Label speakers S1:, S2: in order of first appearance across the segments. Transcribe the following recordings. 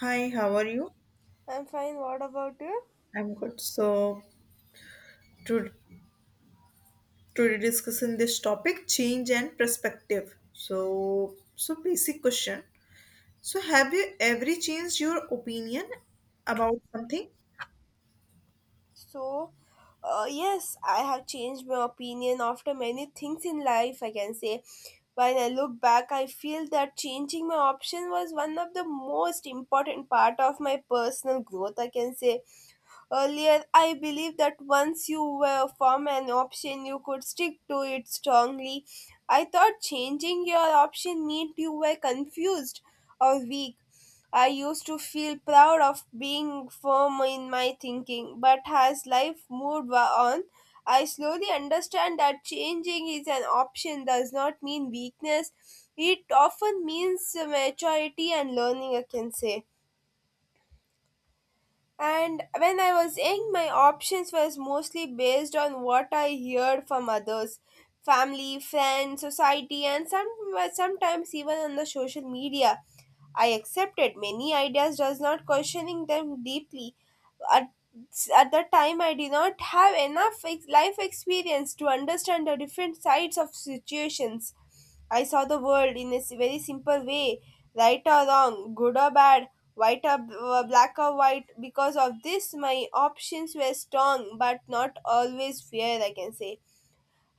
S1: Hi, how are you?
S2: I'm fine. What about you?
S1: I'm good. So, to today discussing this topic, change and perspective. So basic question. So, have you ever changed your opinion about something?
S2: So, yes, I have changed my opinion after many things in life, I can say. When I look back, I feel that changing my option was one of the most important part of my personal growth, I can say. Earlier, I believed that once you were form an option, you could stick to it strongly. I thought changing your option meant you were confused or weak. I used to feel proud of being firm in my thinking, but as life moved on, I slowly understand that changing is an option does not mean weakness. It often means maturity and learning, I can say. And when I was young, my options was mostly based on what I heard from others, family, friends, society, and sometimes even on the social media. I accepted many ideas, does not questioning them deeply. At, at the time, I did not have enough life experience to understand the different sides of situations. I saw the world in a very simple way, right or wrong, good or bad, white or black or white. Because of this, my options were strong but not always fair, I can say.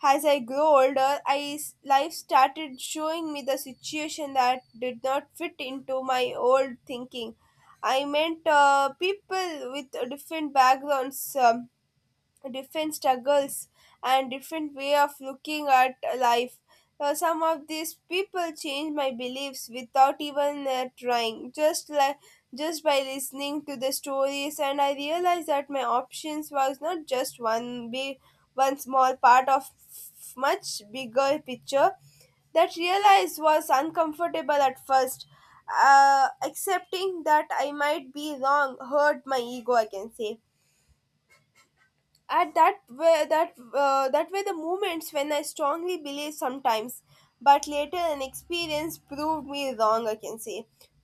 S2: As I grew older, I, life started showing me the situation that did not fit into my old thinking. I meant people with different backgrounds, different struggles and different way of looking at life. Some of these people change my beliefs without even trying, just like, just by listening to the stories, and I realized that my options was not just one big, one small part of much bigger picture. That realized was uncomfortable at first. Accepting that I might be wrong hurt my ego, I can say. At that way, that, that were the moments when I strongly believed sometimes, but later an experience proved me wrong, I can say.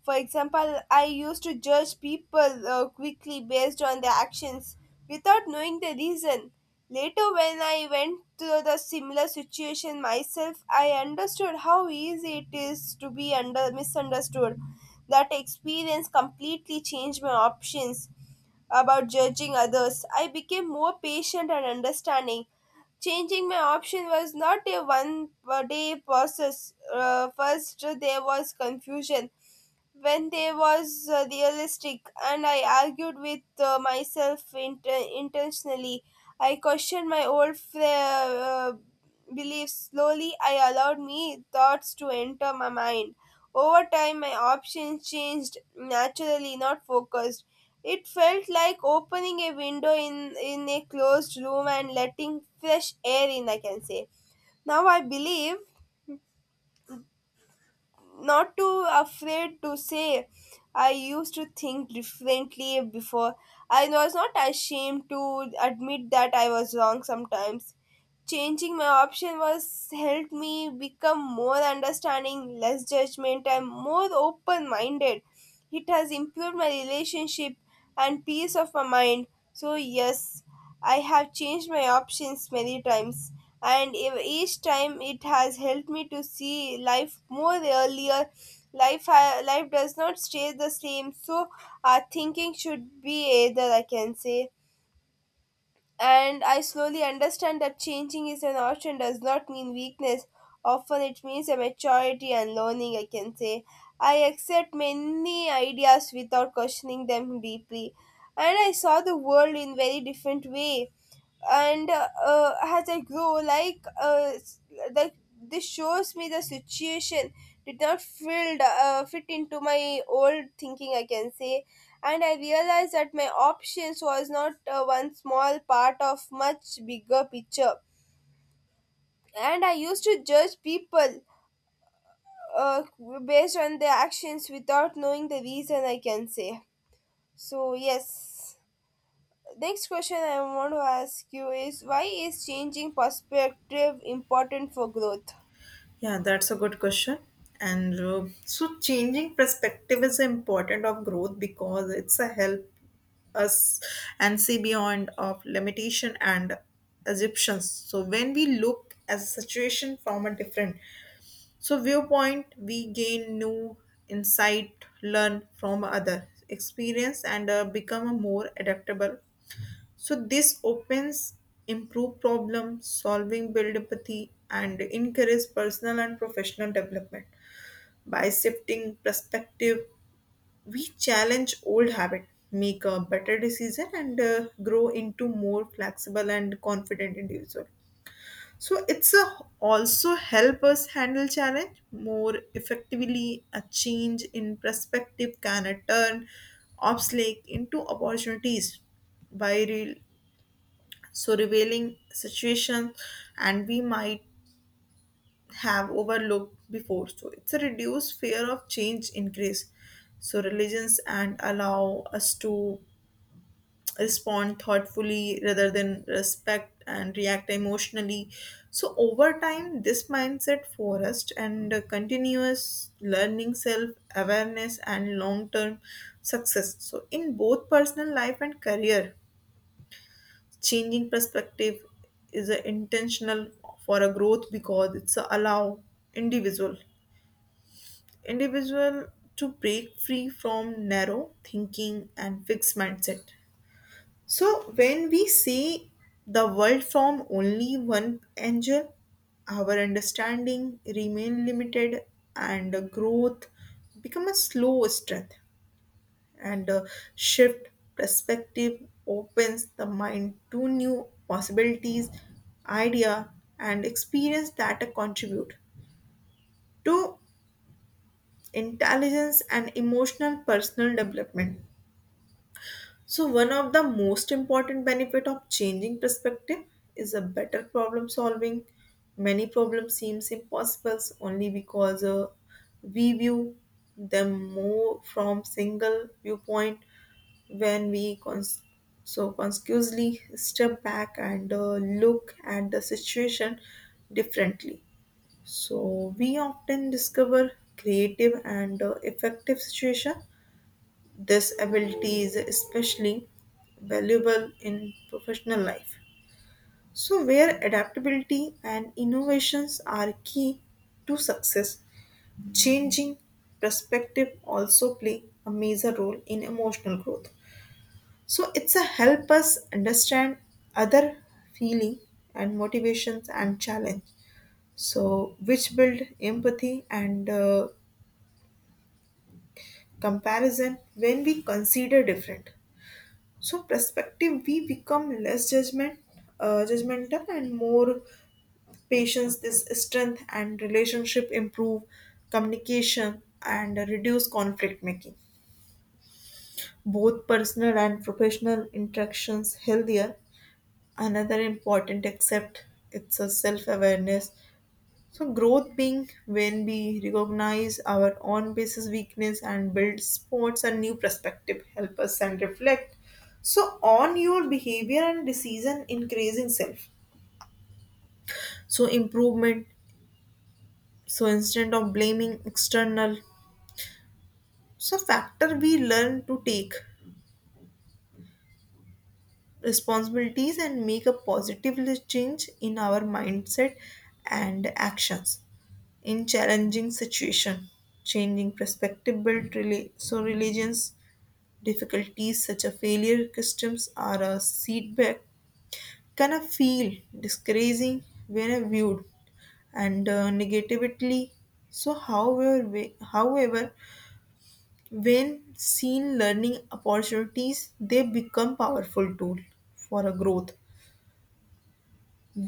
S2: For example, I used to judge people quickly based on their actions without knowing the reason. Later, when I went through the similar situation myself, I understood how easy it is to be under misunderstood. That experience completely changed my options about judging others. I became more patient and understanding. Changing my option was not a one day process. First, there was confusion, when they was realistic and I argued with myself intentionally. I questioned my old beliefs. Slowly, I allowed me thoughts to enter my mind. Over time, my options changed naturally, not focused. It felt like opening a window in a closed room and letting fresh air in, I can say. Now I believe, not too afraid to say, I used to think differently before. I was not ashamed to admit that I was wrong sometimes. Changing my option was helped me become more understanding, less judgment, and more open minded. It has improved my relationship and peace of my mind. So, yes, I have changed my options many times, and each time it has helped me to see life more earlier. Life does not stay the same, so our thinking should be either, I can say. And I slowly understand that changing is an option does not mean weakness. Often it means a maturity and learning, I can say. I accept many ideas without questioning them deeply. And I saw the world in very different way. And as I grow like, this shows me the situation, did not fit into my old thinking, I can say. And I realized that my options was not one small part of much bigger picture. And I used to judge people, uh, based on their actions without knowing the reason, I can say. So yes. Next question I want to ask you is, why is changing perspective important for growth?
S1: Yeah, that's a good question. Changing perspective is important of growth because it's a help us and see beyond of limitation and assumptions. So, when we look as a situation from a different viewpoint, we gain new insight, learn from other experience and become more adaptable. So this opens improve problem solving, build empathy and encourage personal and professional development. By shifting perspective, we challenge old habit, make a better decision and grow into more flexible and confident individual. So it's a also help us handle challenge more effectively. A change in perspective can turn obstacles into opportunities by so revealing situations and we might have overlooked before. So it's a reduced fear of change, increase so religions and allow us to respond thoughtfully rather than respect and react emotionally. So over time this mindset forest and continuous learning, self awareness and long term success. So in both personal life and career, changing perspective is a intentional for a growth because it's a allow individual individual to break free from narrow thinking and fixed mindset. So, when we see the world from only one angle, our understanding remain limited and growth become a slow strength. And a shift perspective opens the mind to new possibilities, idea and experience that contribute to intelligence and emotional personal development. So one of the most important benefit of changing perspective is a better problem solving. Many problems seems impossible only because we view them more from single viewpoint. When we so consciously step back and look at the situation differently. So we often discover creative and effective situation. This ability is especially valuable in professional life. So, where adaptability and innovations are key to success, changing perspective also play a major role in emotional growth. So, it's a help us understand other feeling and motivations and challenge. So, which build empathy and comparison when we consider different. So perspective we become less judgment judgmental and more patience. This strength and relationship improve communication and reduce conflict, making both personal and professional interactions healthier. Another important accept it's a self awareness. So, growth being when we recognize our own basis weakness and build sports and new perspective, help us and reflect. So, on your behavior and decision, increasing self. So, improvement. So, instead of blaming external. So, factor we learn to take responsibilities and make a positive change in our mindset and actions in challenging situation. Changing perspective build so religions difficulties such as failure customs or a setback can feel discouraging when viewed and negatively. So however when seen learning opportunities, they become powerful tool for a growth.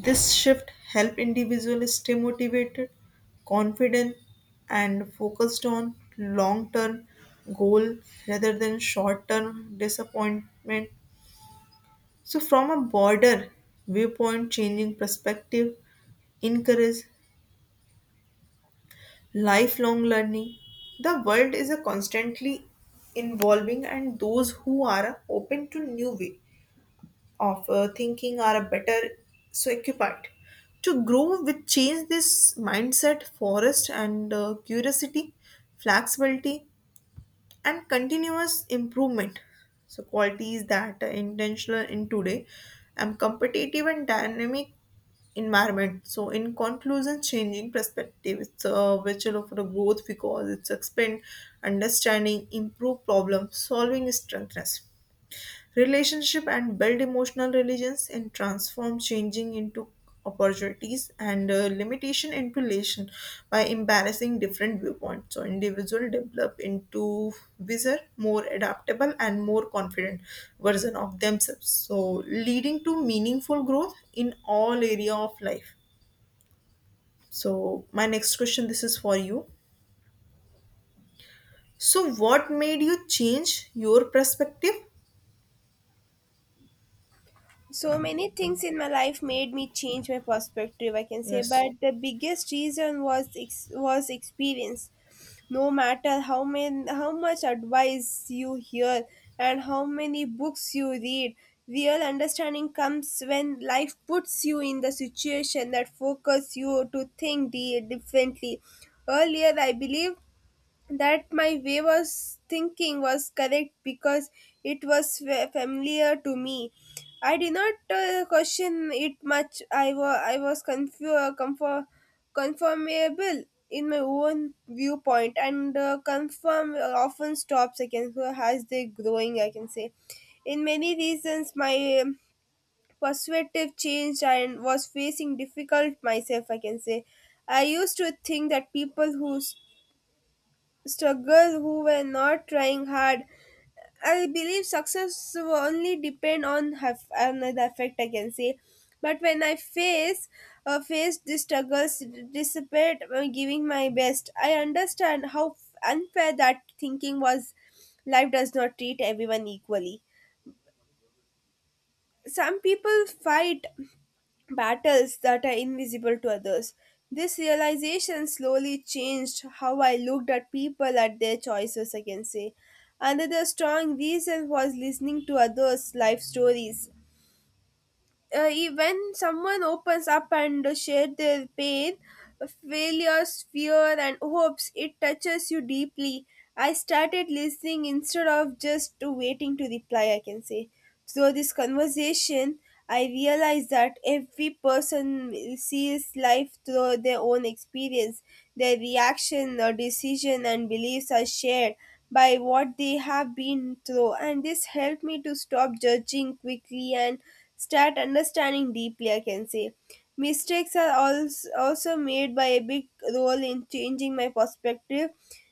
S1: This shift help individuals stay motivated, confident and focused on long term goal rather than short term disappointment. So, from a broader viewpoint, changing perspective encourage lifelong learning. The world is a constantly evolving, and those who are open to new way of thinking are better so equipped to grow with change. This mindset, forest and curiosity, flexibility, and continuous improvement, so qualities that are intentional in today and competitive and dynamic environment. So in conclusion, changing perspective it's a virtue for the growth because it's expand understanding, improve problem solving, strengthens relationship and build emotional religions and transform changing into opportunities and limitation into relation. By embarrassing different viewpoints, so individual develop into wiser, more adaptable and more confident version of themselves, so leading to meaningful growth in all area of life. So my next question, this is for you. So what made you change your perspective?
S2: So many things in my life made me change my perspective, I can say,
S1: Yes.
S2: but the biggest reason was was experience. No matter how many, how much advice you hear and how many books you read, real understanding comes when life puts you in the situation that focus you to think differently. Earlier, I believe that my way was thinking was correct because it was familiar to me. I did not question it much. I was conformable in my own viewpoint, and confirm often stops, I can so, as they growing, I can say. In many reasons, my perspective changed and was facing difficult myself, I can say. I used to think that people who struggle who were not trying hard. I believe success will only depend on, another effect, I can say. But when I faced the struggles, dissipate giving my best, I understand how unfair that thinking was. Life does not treat everyone equally. Some people fight battles that are invisible to others. This realization slowly changed how I looked at people at their choices, I can say. Another strong reason was listening to others' life stories. When someone opens up and shares their pain, failures, fear and hopes, it touches you deeply. I started listening instead of just waiting to reply, I can say. Through this conversation, I realized that every person sees life through their own experience. Their reaction or decision and beliefs are shared by what they have been through, and this helped me to stop judging quickly and start understanding deeply, I can say. Mistakes are also made by a big role in changing my perspective.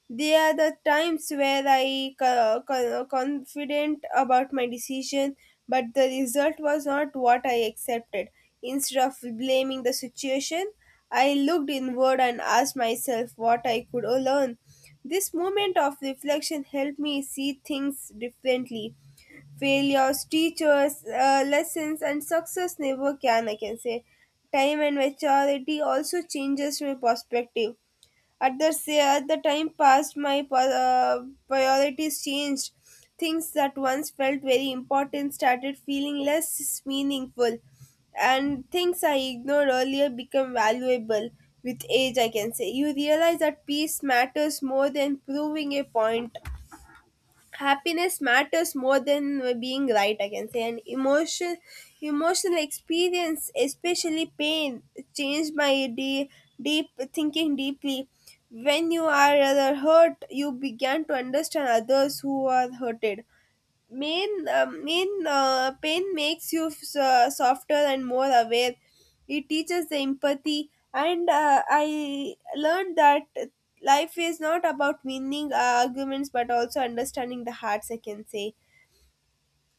S2: They are the times where I confident about my decision, but the result was not what I accepted. Instead of blaming the situation, I looked inward and asked myself what I could learn. This moment of reflection helped me see things differently. Failures, teachers, lessons, and success never can, I can say. Time and maturity also changes my perspective. At the, say, at the time passed, my priorities changed. Things that once felt very important started feeling less meaningful, and things I ignored earlier become valuable with age, I can say. You realize that peace matters more than proving a point, happiness matters more than being right, I can say. And emotional experience, especially pain, changed my deep thinking deeply. When you are rather hurt, you began to understand others who are hurted. Main main Pain makes you softer and more aware. It teaches the empathy. And I learned that life is not about winning arguments but also understanding the hearts, I can say.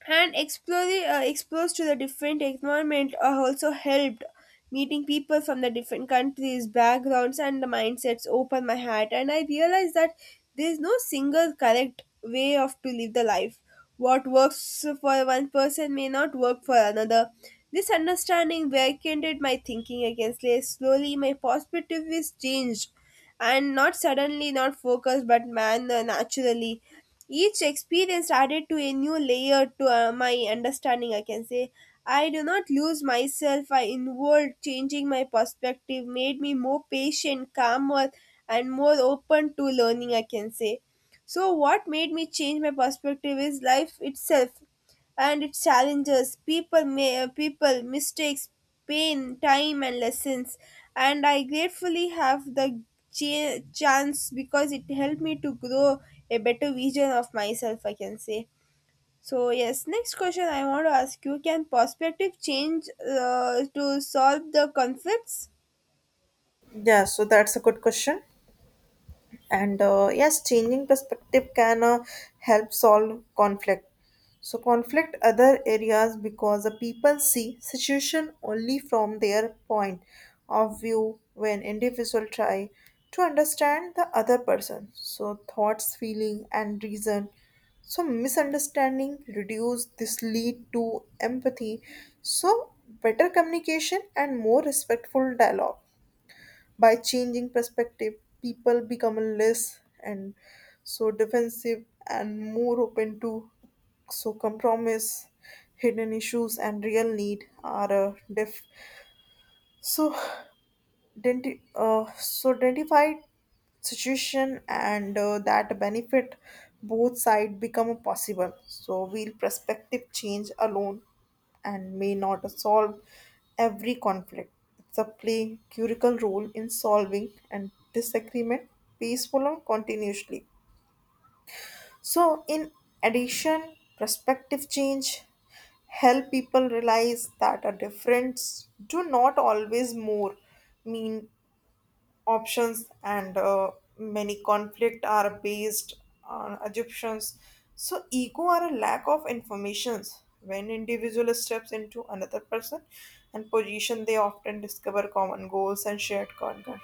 S2: And exposed to the different environment also helped. Meeting people from the different countries, backgrounds and the mindsets open my heart, and I realized that there is no single correct way of to live the life. What works for one person may not work for another. This understanding weakened my thinking against slaves. Slowly, my perspective is changed, and not suddenly, not focused, but man naturally. Each experience added to a new layer to my understanding, I can say. I do not lose myself, I involved changing my perspective, made me more patient, calmer, and more open to learning, I can say. So, what made me change my perspective is life itself and it challenges, people may people, mistakes, pain, time and lessons. And I gratefully have the chance, because it helped me to grow a better vision of myself, I can say. So yes, next question I want to ask you, can perspective change to solve the conflicts?
S1: Yeah, so that's a good question. And yes, changing perspective can help solve conflict. So conflict other areas because the people see situation only from their point of view. When individual try to understand the other person, so thoughts, feeling and reason, so misunderstanding reduce. This lead to empathy, so better communication and more respectful dialogue. By changing perspective, people become less and so defensive and more open to so compromise, hidden issues, and real need are so, so identify situation and that benefit both side become possible. So, will perspective change alone and may not solve every conflict. It's a play curical role in solving and disagreement peaceful or continuously. So, in addition, perspective change help people realize that a difference do not always more mean options and many conflict are based on assumptions. So, ego or a lack of informations when individual steps into another person and position, they often discover common goals and shared concerns.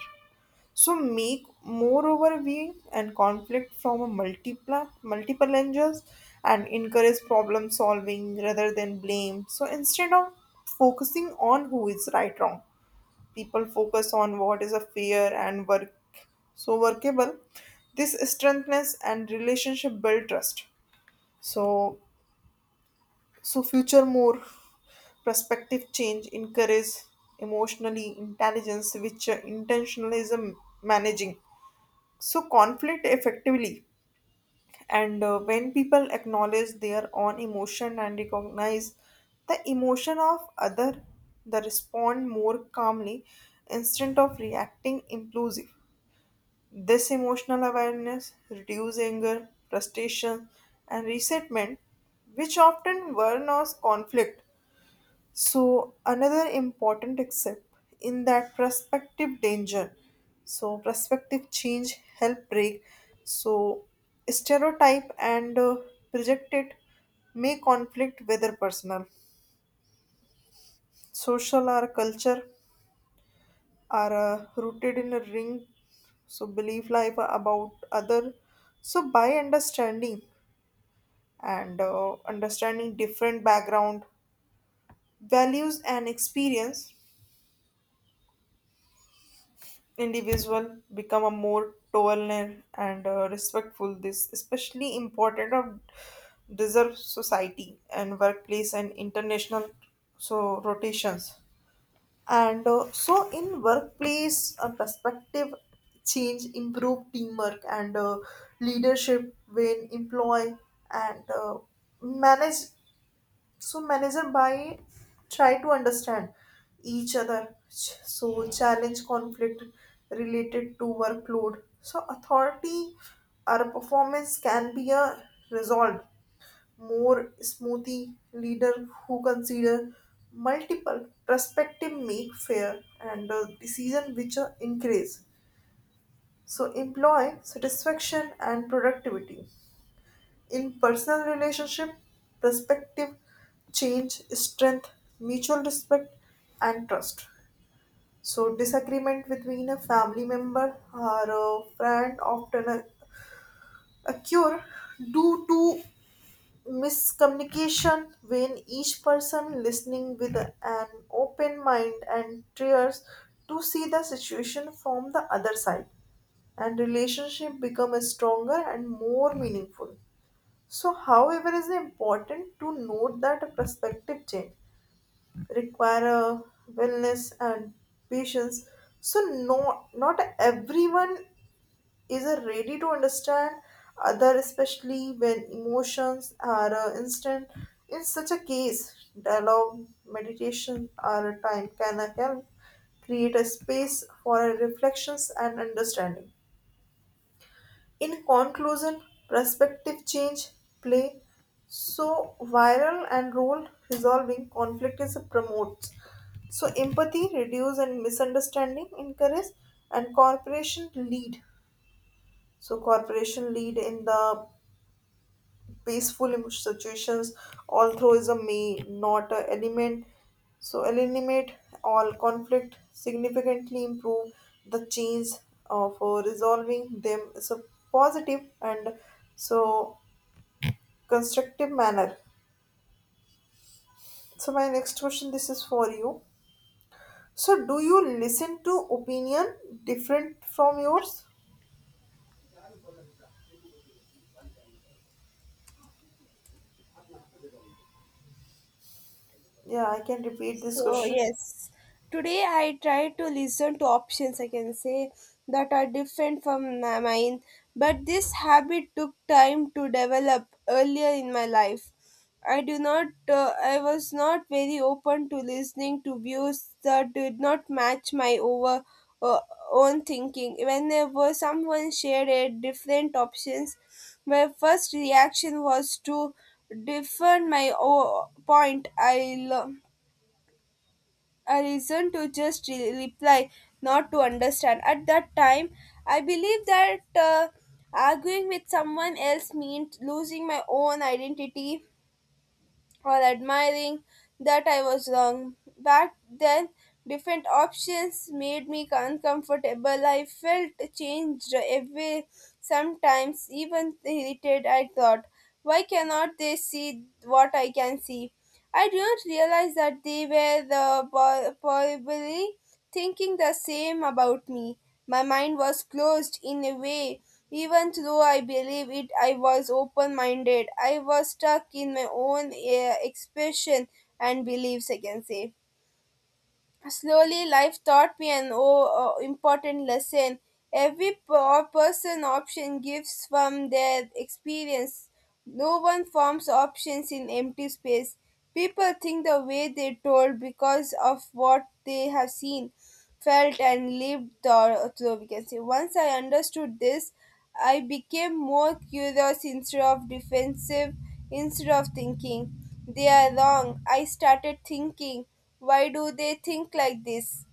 S1: So make more overview and conflict from a multiple angles and encourage problem solving rather than blame. So instead of focusing on who is right wrong, people focus on what is a fair and work so workable. This strengthens and relationship build trust. So so future more perspective change encourage emotionally intelligence which intentionalism managing so conflict effectively. And when people acknowledge their own emotion and recognize the emotion of other, they respond more calmly instead of reacting impulsive. This emotional awareness reduces anger, frustration and resentment which often burn us conflict. So, another important except in that prospective danger. So, prospective change help break. So, stereotype and projected may conflict whether personal, social or culture are rooted in a ring. So, belief life about other. So, by understanding and understanding different background, values and experience, individual become a more tolerant and respectful. This especially important of deserve society and workplace and international so rotations. And so in workplace perspective change improve teamwork and leadership when employ and manage manager by try to understand each other. So challenge conflict related to workload, so authority or performance can be a resolved more smoothly. Leader who consider multiple perspective make fair and decision which are increase so employ satisfaction and productivity. In personal relationship, perspective change, strength, mutual respect, and trust. So disagreement between a family member or a friend often occur due to miscommunication. When each person listening with an open mind and tries to see the situation from the other side, and relationship become stronger and more meaningful. So, however, it is important to note that a perspective change require a wellness and patience. So, no, not everyone is ready to understand other, especially when emotions are instant. In such a case, dialogue, meditation, or a time can help create a space for reflections and understanding. In conclusion, perspective change, play, so viral and role resolving conflict is promotes. So empathy, reduce and misunderstanding, encourage, and cooperation lead. So cooperation lead in the peaceful situations. Although is a may, not a element. So eliminate all conflict, significantly improve the change for resolving them. It's a positive and so constructive manner. So my next question, this is for you. So do you listen to opinion different from yours? Yeah, I can repeat this
S2: So,
S1: question.
S2: yes, today I try to listen to options, I can say, that are different from mine, but this habit took time to develop earlier in my life. I was not very open to listening to views that did not match my over uh, own thinking. Whenever someone shared a different options, my first reaction was to defend my point. I learned a reason to just reply, not to understand. At that time, I believe that arguing with someone else meant losing my own identity or admiring that I was wrong. Back then, different options made me uncomfortable. I felt changed every sometimes, even irritated. I thought, why cannot they see what I can see? I didn't realize that they were the probably thinking the same about me. My mind was closed in a way, even though I believe it I was open minded. I was stuck in my own expression and beliefs, I can say. Slowly, life taught me an important lesson. Every person option gives from their experience. No one forms options in empty space. People think the way they told because of what they have seen, felt, and lived. Or, so we can say, once I understood this, I became more curious instead of defensive, instead of thinking, they are wrong. I started thinking, why do they think like this?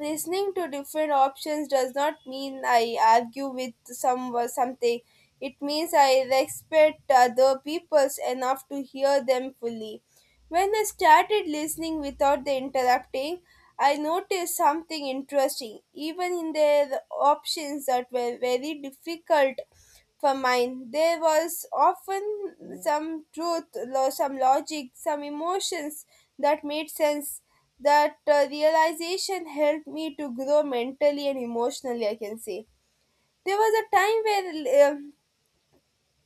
S2: Listening to different options does not mean I argue with something. It means I respect other people's enough to hear them fully. When I started listening without the interrupting, I noticed something interesting. Even in their options that were very difficult for mine. There was often some truth, some logic, some emotions that made sense. That realization helped me to grow mentally and emotionally, I can say. There was a time where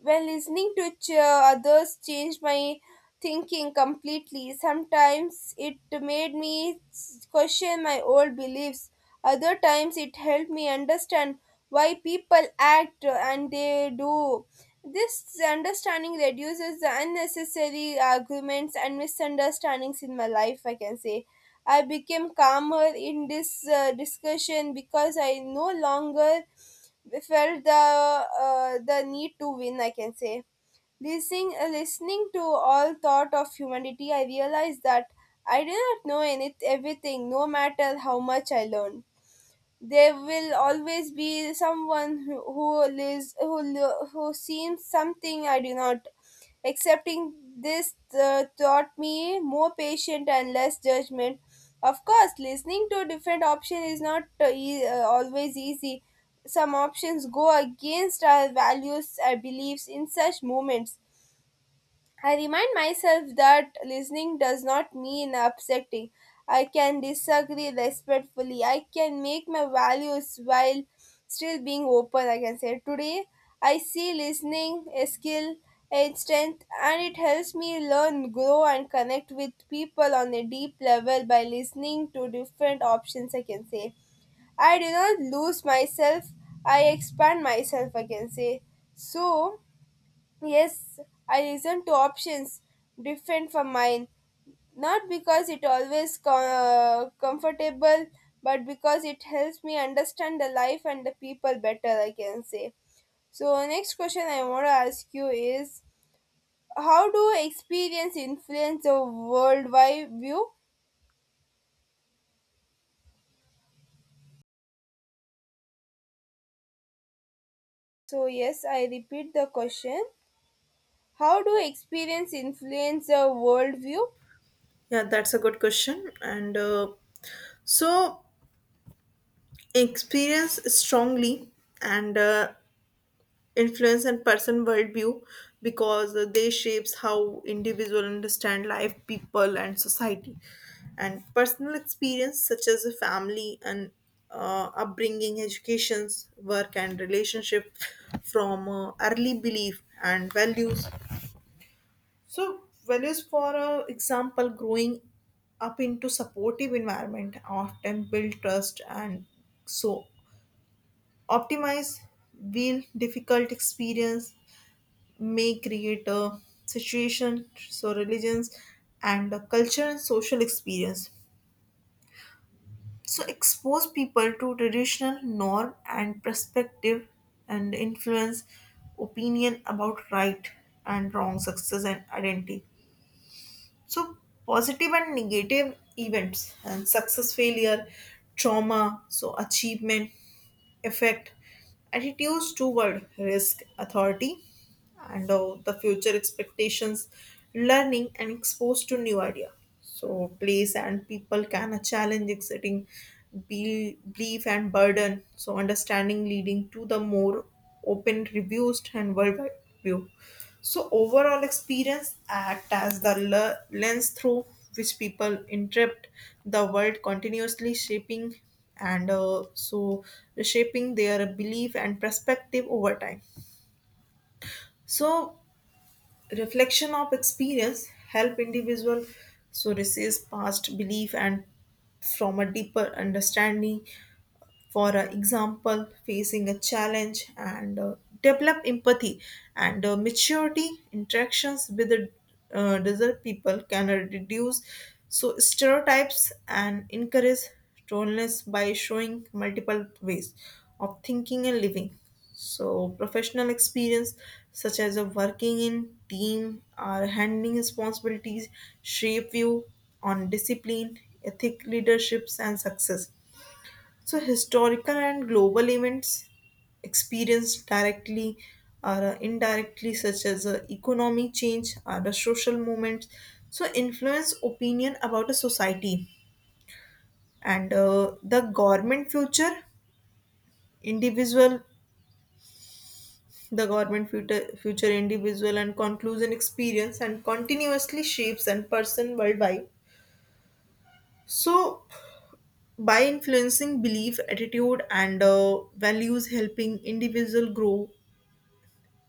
S2: when listening to others changed my thinking completely. Sometimes it made me question my old beliefs. Other times it helped me understand why people act and they do. This understanding reduces the unnecessary arguments and misunderstandings in my life, I can say. I became calmer in this discussion because I no longer we felt the need to win, I can say. Listening to all thought of humanity, I realized that I did not know any everything. No matter how much I learned, there will always be someone who lives, who who seen something I do not. Accepting this taught me more patience and less judgment. Of course, listening to different options is not always easy. Some options go against our values and beliefs. In such moments, I remind myself that listening does not mean upsetting. I can disagree respectfully. I can make my values while still being open, I can say. Today, I see listening a skill, a strength, and it helps me learn, grow, and connect with people on a deep level by listening to different options, I can say. I do not lose myself, I expand myself, I can say. So, yes, I listen to options different from mine, not because it always comfortable, but because it helps me understand the life and the people better, I can say. So next question I want to ask you is, how do experience influence a worldwide view? So yes, I repeat the question. How do experience influence a worldview?
S1: Yeah, that's a good question. And so experience strongly and influence and person worldview because they shapes how individual understand life, people and society. And personal experience such as a family and upbringing, educations, work and relationship from early belief and values. So values for example, growing up into supportive environment often build trust and so optimize wheel difficult experience may create a situation so religions and a culture and social experience so expose people to traditional norm and perspective and influence opinion about right and wrong, success and identity. So, positive and negative events and success, failure, trauma, so achievement, effect, attitudes toward risk, authority, and the future expectations, learning, and exposed to new idea. So, place and people can a challenge exiting belief and burden. So, understanding leading to the more open, reduced, and worldwide view. So, overall experience act as the lens through which people interpret the world, continuously shaping and so shaping their belief and perspective over time. So, reflection of experience help individual so resist past belief and from a deeper understanding. For example, facing a challenge and develop empathy and maturity interactions with the desert people can reduce so stereotypes and encourage tolerance by showing multiple ways of thinking and living. So professional experience such as working in team or handling responsibilities shape you on discipline, ethic, leaderships and success. So historical and global events experienced directly or indirectly, such as economic change or the social movements, so influence opinion about a society and the government future, individual, the government future, future individual and conclusion experience and continuously shapes and person worldwide. So, by influencing belief, attitude, and values, helping individual grow,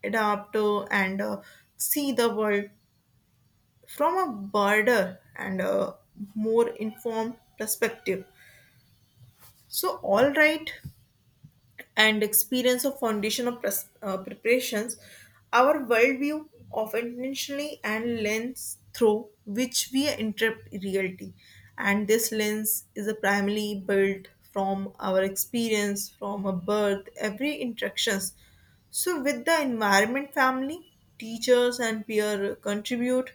S1: adapt and see the world from a broader and more informed perspective. So, all right, and experience of foundational preparations, our worldview of intentionally and lens through which we interpret reality. And this lens is a primarily built from our experience, from a birth, every interactions. So with the environment, family, teachers and peer contribute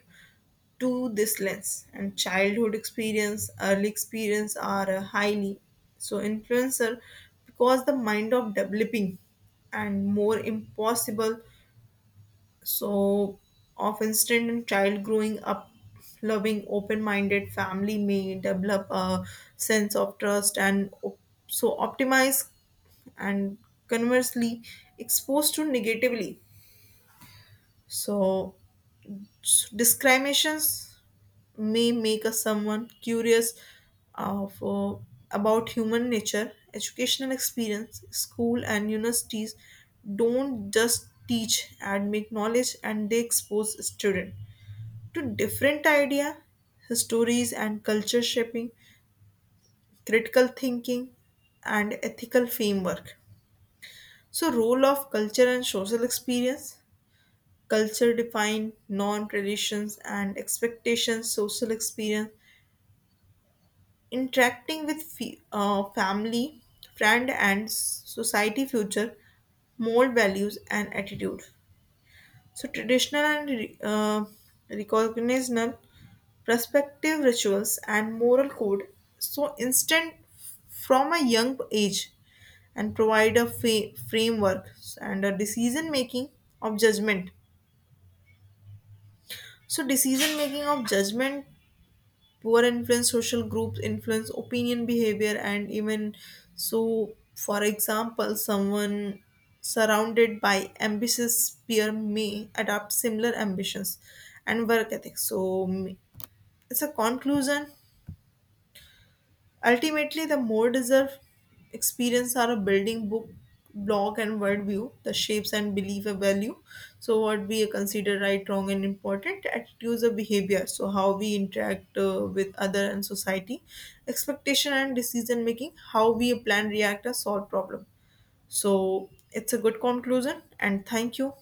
S1: to this lens. And childhood experience, early experience are highly so influencer because the mind of developing and more impossible. So of instant and child growing up loving open-minded family may develop a sense of trust and optimize. And conversely exposed to negatively so discriminations may make a someone curious of about human nature. Educational experience, school and universities don't just teach and make knowledge, and they expose student to different idea, stories and culture, shaping critical thinking and ethical framework. So role of culture and social experience, culture define norm, traditions and expectations. Social experience interacting with family, friend, and society future mold values and attitude. So, traditional and recognizable perspective, rituals and moral code so instant from a young age and provide a framework and a decision making of judgment, so decision making of judgment poor influence social groups influence opinion, behavior and even so. For example, someone surrounded by ambitious peer may adopt similar ambitions and work ethics. So mm, it's a conclusion. Ultimately, the more deserved experience are a building book, blog, and worldview. The shapes and belief a value. So, what we consider right, wrong, and important attitudes or behavior. So, how we interact with other and society, expectation and decision making, how we plan, react, or solve problem. So, it's a good conclusion, and thank you.